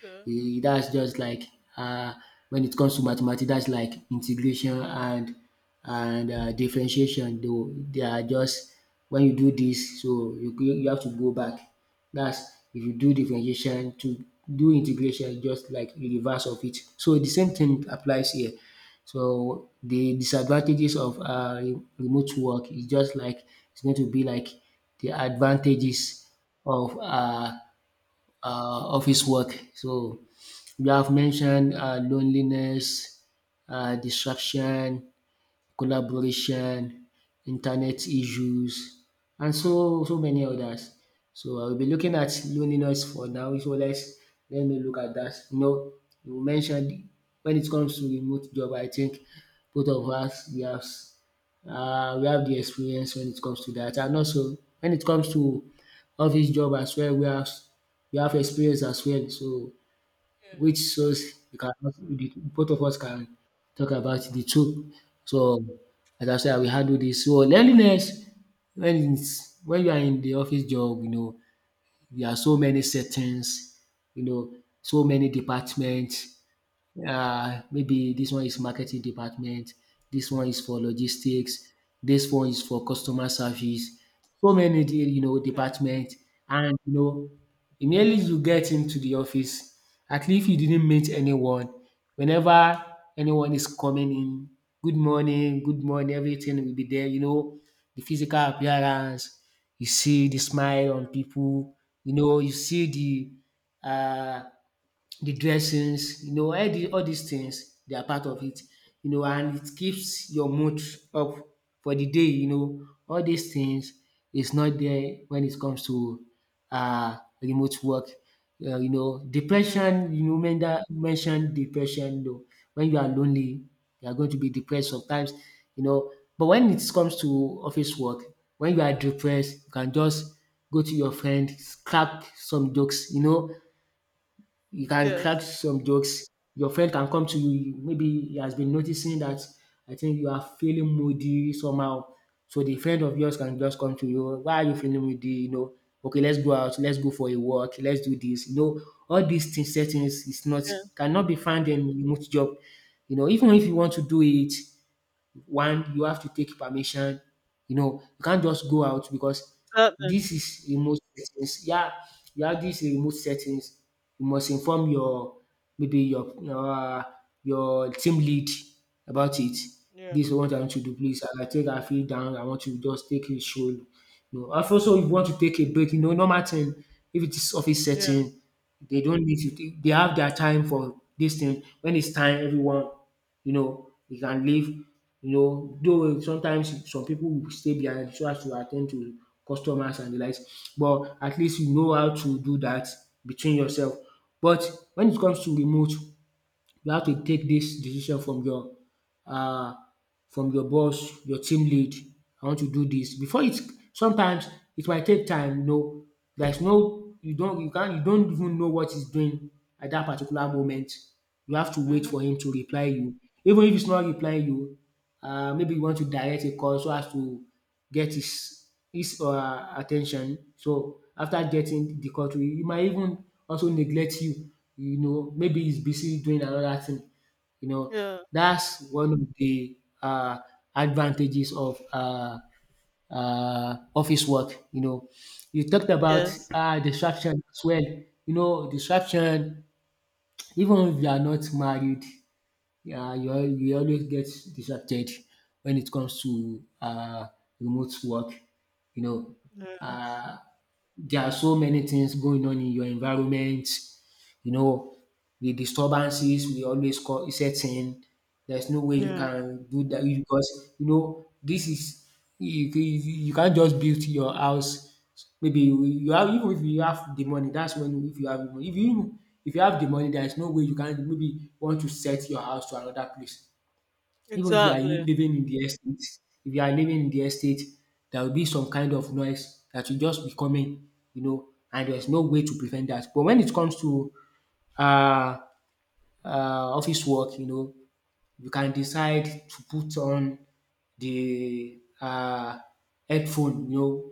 Speaker 2: Okay.
Speaker 1: E dats just like, uh, when it comes to mathematics, that's like integration and and um differentiation, though they are just when you do this, so you go, you have to go back. That's if you do differentiation to do integration, just like de reverse of it. So the same thing applies here. So the disadvantages of um remote work is just like, it's going to be like the advantages of uh uh, office work. So you have mentioned uh, loneliness, uh, distraction, collaboration, internet issues, and so so many others. So I will be looking at loneliness for now. So let's let me look at that. You know, you mentioned, when it comes to remote job, I think both of us, we have uh, we have the experience when it comes to that. And also when it comes to office job as well, we have we have experience as well. So which
Speaker 2: Yes.
Speaker 1: shows we can, the, both of us can talk about the two. So as I said, we handle this. So loneliness, when it's when you are in the office job, you know, there are so many settings, you know, so many departments. Uh, maybe this one is marketing department, this one is for logistics, this one is for customer service. So many, de- you know,
Speaker 2: Okay.
Speaker 1: department, and you know, immediately you get into the office, at least you didn't meet anyone. Whenever anyone is coming in, good morning, good morning, everything will be there. You know, the physical appearance, you see the smile on
Speaker 2: Yeah.
Speaker 1: people, you know, you see the uh, the dressings, you know, all the all these things they are part of it, you know, and it keeps your mood up for the day, you know. All these things is not there when it comes to uh remote work. Uh, you know,
Speaker 2: Yeah.
Speaker 1: depression, you know, men that mentioned depression, you know, when you are lonely, you are going to be depressed sometimes, you know. But when it comes to office work, when you are depressed, you can just go to your friend, crack some jokes, you know, you can crack
Speaker 2: Yes.
Speaker 1: some jokes. Your friend can come to you. Maybe he has been noticing that, I think you are feeling moody somehow. So the friend of yours can just come to you. Why are you feeling moody? You know, okay, let's go out, let's go for a walk, let's do this. You know, all these things, settings is not,
Speaker 2: Yeah.
Speaker 1: cannot be found in remote job. You know, even if you want to do it, one, you have to take permission. You know, you can't just go out because
Speaker 2: Exactly.
Speaker 1: this is remote settings. Yeah, you have this remote settings. You must inform your, maybe your your, uh, your team lead about it.
Speaker 2: Yeah.
Speaker 1: This is what I want to do, please. I think I feel down. I want to just take a stroll. You know, and also if you want to take a break, you know, normal thing. If it is office
Speaker 2: Yeah.
Speaker 1: setting, they don't need to. t- They have their time for this thing. When it's time, everyone, you know, they can leave. You know, though sometimes some people will stay behind so as to attend to customers and the likes. But at least you know how to do that between yourself. But when it comes to remote, you have to take this decision from your uh, from your boss, your team lead, “I want to do this before it, sometimes it might take time.” No, there's no you don't, you can't, you don't even know what he's doing at that particular moment. You have to wait
Speaker 2: Mm-hmm.
Speaker 1: for him to reply you. Even if he's not replying you, uh, maybe you want to direct a call so as to get his his uh attention. So after getting the call to you, he might even also neglect you, you know, maybe he's busy doing another thing. You know,
Speaker 2: Yeah.
Speaker 1: that's one of the uh, advantages of uh, uh, office work. You know, you talked about
Speaker 2: Yes.
Speaker 1: uh, distraction as well. You know, distraction, even if you are not married, uh, you, al- you always get distracted when it comes to uh, remote work. You know,
Speaker 2: Yes.
Speaker 1: uh, there are so many things going on in your environment, you know, the disturbances will always co- set in. There's no way you
Speaker 2: Yeah.
Speaker 1: can do that you- because you know this is, you, you you can't just build your house. Maybe you, you have, even if you have the money, that's when if you have the money. If you, if you have the money, there is no way you can, maybe want to set your house to another place. Even if you are
Speaker 2: Exactly.
Speaker 1: living in the estate, if you are living in the estate, there will be some kind of noise that will just be coming, you know, and there's no way to prevent that. But when it comes to uh, uh, office work, you know, you can decide to put on the uh, headphone, you know,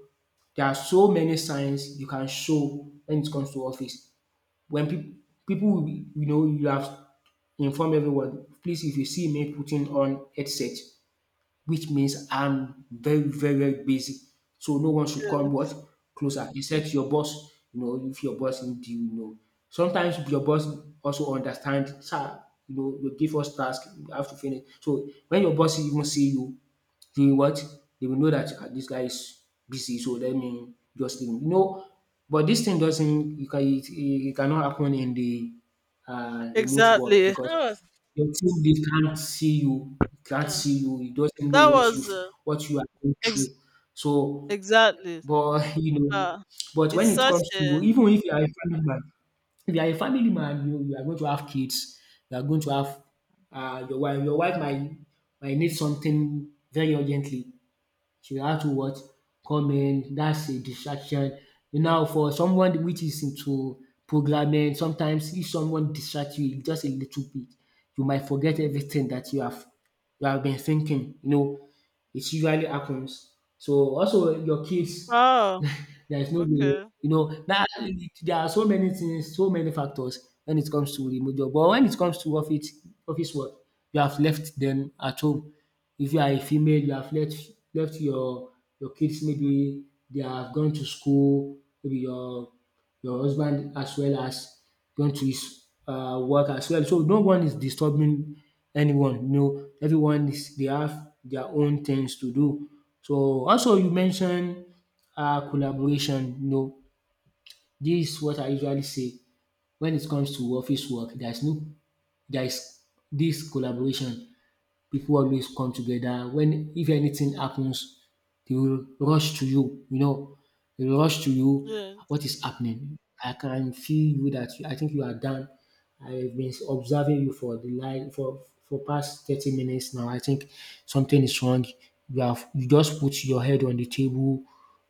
Speaker 1: there are so many signs you can show when it comes to office. When people people will be- you know you have inform everyone, please, if you see me putting on headset, which means I'm very, very, very busy. So no one should come what closer, except your boss. You know, if your boss need you, you know. Sometimes your boss also understand, sir. You know, you give us task, you have to finish. So when your boss even see you, he what, they will know that um dis guy is busy, so let me just leave him. You know but this thing doesn't, you can it it cannot happen in the uh remote work
Speaker 2: Exactly. That
Speaker 1: because
Speaker 2: was.
Speaker 1: your team, they can't see you, can't
Speaker 2: Yeah.
Speaker 1: see you, it doesn't know
Speaker 2: That
Speaker 1: what you
Speaker 2: was. Uh,
Speaker 1: what you are going through.
Speaker 2: ex-
Speaker 1: So
Speaker 2: exactly.
Speaker 1: but [laughs] you know
Speaker 2: Uh,
Speaker 1: but
Speaker 2: it's
Speaker 1: when it
Speaker 2: such
Speaker 1: comes to
Speaker 2: a
Speaker 1: even if you are a family man, if you are a family man you you are going to have kids, you are going to have uh your wife, your wife might might need something very urgently. She has to what? Come in. That's a distraction. Now, for someone which is into programming, sometimes if someone distracts you just a little bit, you might forget
Speaker 2: Mhm.
Speaker 1: everything that you have you have been thinking. You know, it usually happens. So also your kids, [laughs]
Speaker 2: Oh,
Speaker 1: there is no way.
Speaker 2: okay.
Speaker 1: You know, that There are so many things, so many factors when it comes to remote job. But when it comes to office office work, you have left them at home. If you are a female, you have left left your your kids, maybe they have gone to school, maybe your your husband as well as going to his uh work as well. So no one is disturbing anyone, you know, everyone is they have their own things to do. So also you mentioned uh collaboration, you know, dis what I usually say, when it comes to office work, there's no there is this collaboration. People always come together when if anything happens, they will rush to you, you know, they will rush to you
Speaker 2: Yes.
Speaker 1: what is happening. I can feel you, dat, I think you are done. I've been observing you for the li for for past thirty minutes now. I think something is wrong. You have you just put your head on the table,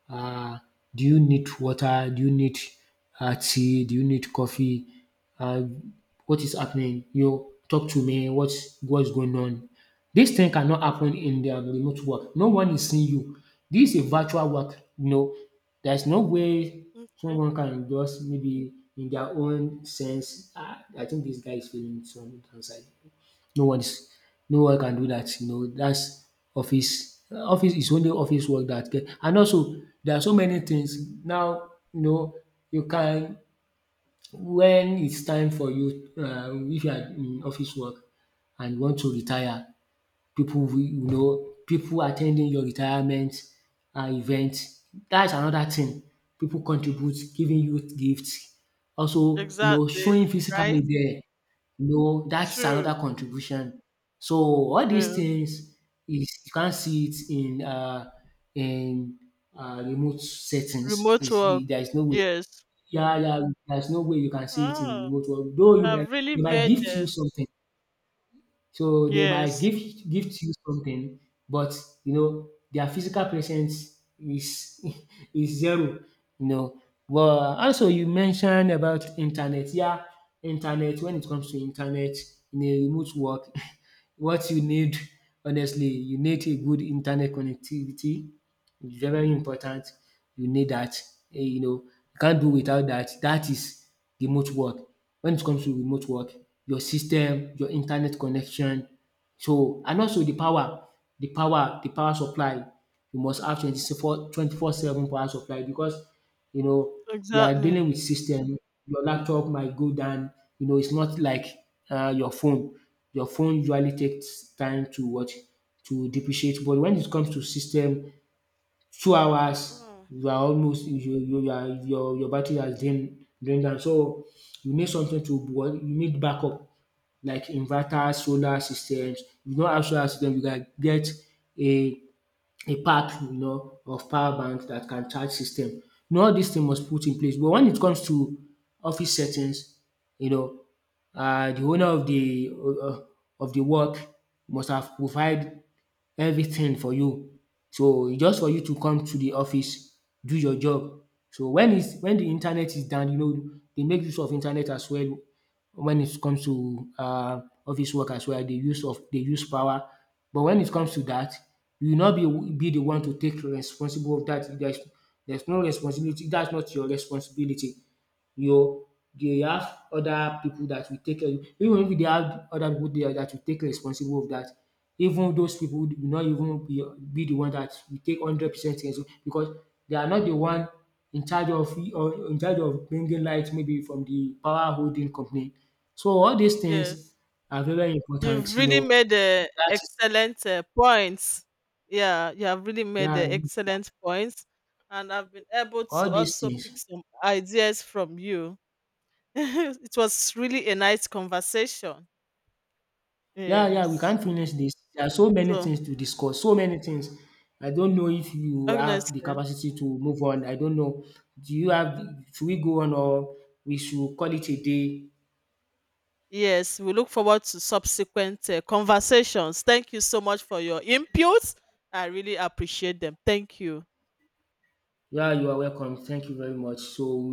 Speaker 1: uh, do you need water? Do you need uh, tea? Do you need coffee? Uh, what is happening? You talk to me. What's what's going on? This thing cannot happen in the um, remote work. No one is seeing you. This is a virtual work. You know, there's no way
Speaker 2: Mm.
Speaker 1: someone can just maybe in their own sense. Ah, I think this guy is feeling some downside. No one's no one can do that, you know, that's office office is only office work that get. And also, there are so many things now, you know, you can when it's time for you, um if you are in office work and you want to retire, people will you know people attending your retirement um event. That's another thing, people contribute giving you gifts, also you know
Speaker 2: Exactly.
Speaker 1: showing
Speaker 2: Right?
Speaker 1: physically there, you know that's
Speaker 2: True.
Speaker 1: another contribution. So all these
Speaker 2: Yes.
Speaker 1: things is you can't see it in um in um remote settings.
Speaker 2: Remote
Speaker 1: Is
Speaker 2: work.
Speaker 1: There is no way.
Speaker 2: Yes.
Speaker 1: Yeah, yeah, there is no way you can see it
Speaker 2: Oh,
Speaker 1: in remote work, though you might
Speaker 2: I've really
Speaker 1: they might
Speaker 2: made
Speaker 1: gift you
Speaker 2: it.
Speaker 1: something. So they might
Speaker 2: Yes.
Speaker 1: give gift you something, but you know their physical presence is [laughs] is zero. You know. Well, also you mentioned about internet. Yeah, internet. When it comes to internet in a remote work, [laughs] what you need, honestly, you need a good internet connectivity. It's very important. You need that. Eh, You know, you can't do without that. That is remote work. When it comes to remote work, your system, your internet connection, so, and also the power, the power, the power supply. You must have twenty-four twenty-four seven power supply, because you know we are
Speaker 2: Exactly.
Speaker 1: dealing with system. Your laptop might go down. You know, it's not like uh, your phone. Your phone usually takes time to what, to depreciate, but when it comes to system, two hours
Speaker 2: Mm.
Speaker 1: you are almost you you you are your your battery has drained drained down. So you need something to what, you need backup, like inverter, solar systems. If you no have solar system, you can get a a pack, you know of power bank that can charge system. You know all these things must put in place, but when it comes to office settings, you know uh, the owner of the uh, of the work must have provide everything for you. So, e, just for you to come to the office, do your job. So when is when the internet is down, you know, they make use of internet as well when it comes to uh office work as well. They use of they use power. But when it comes to that, you will not be be the one to take responsible of that. There's there's no responsibility. That's not your responsibility. You dey have other people that will take care of you. Even if they have other people there that will take responsible of that, even those people will not even be be the one that will take hundred percent responsibility, because they are not the one in charge of, or in charge of bringing light maybe from the power holding company. So all these things
Speaker 2: Yes.
Speaker 1: are very
Speaker 2: You've
Speaker 1: important, you
Speaker 2: really
Speaker 1: know
Speaker 2: made uh,
Speaker 1: dat.
Speaker 2: excellent uh, points. Yeah, you have really made uh,
Speaker 1: Yeah,
Speaker 2: excellent points. And I've been able to
Speaker 1: all these
Speaker 2: also pick
Speaker 1: things.
Speaker 2: some ideas from you. [laughs] It was really a nice conversation.
Speaker 1: Yeah, yeah, we
Speaker 2: Yes.
Speaker 1: can't finish this. There are so many
Speaker 2: So,
Speaker 1: things to discuss, so many things. I don't know if you have the
Speaker 2: honestly,
Speaker 1: capacity to move on. I don't know. Do you have, should we go on, or we should call it a day?
Speaker 2: yes, we look forward to subsequent uh, conversations. Thank you so much for your inputs. I really appreciate them. Thank you.
Speaker 1: Yeah, you are welcome. Thank you very much. So we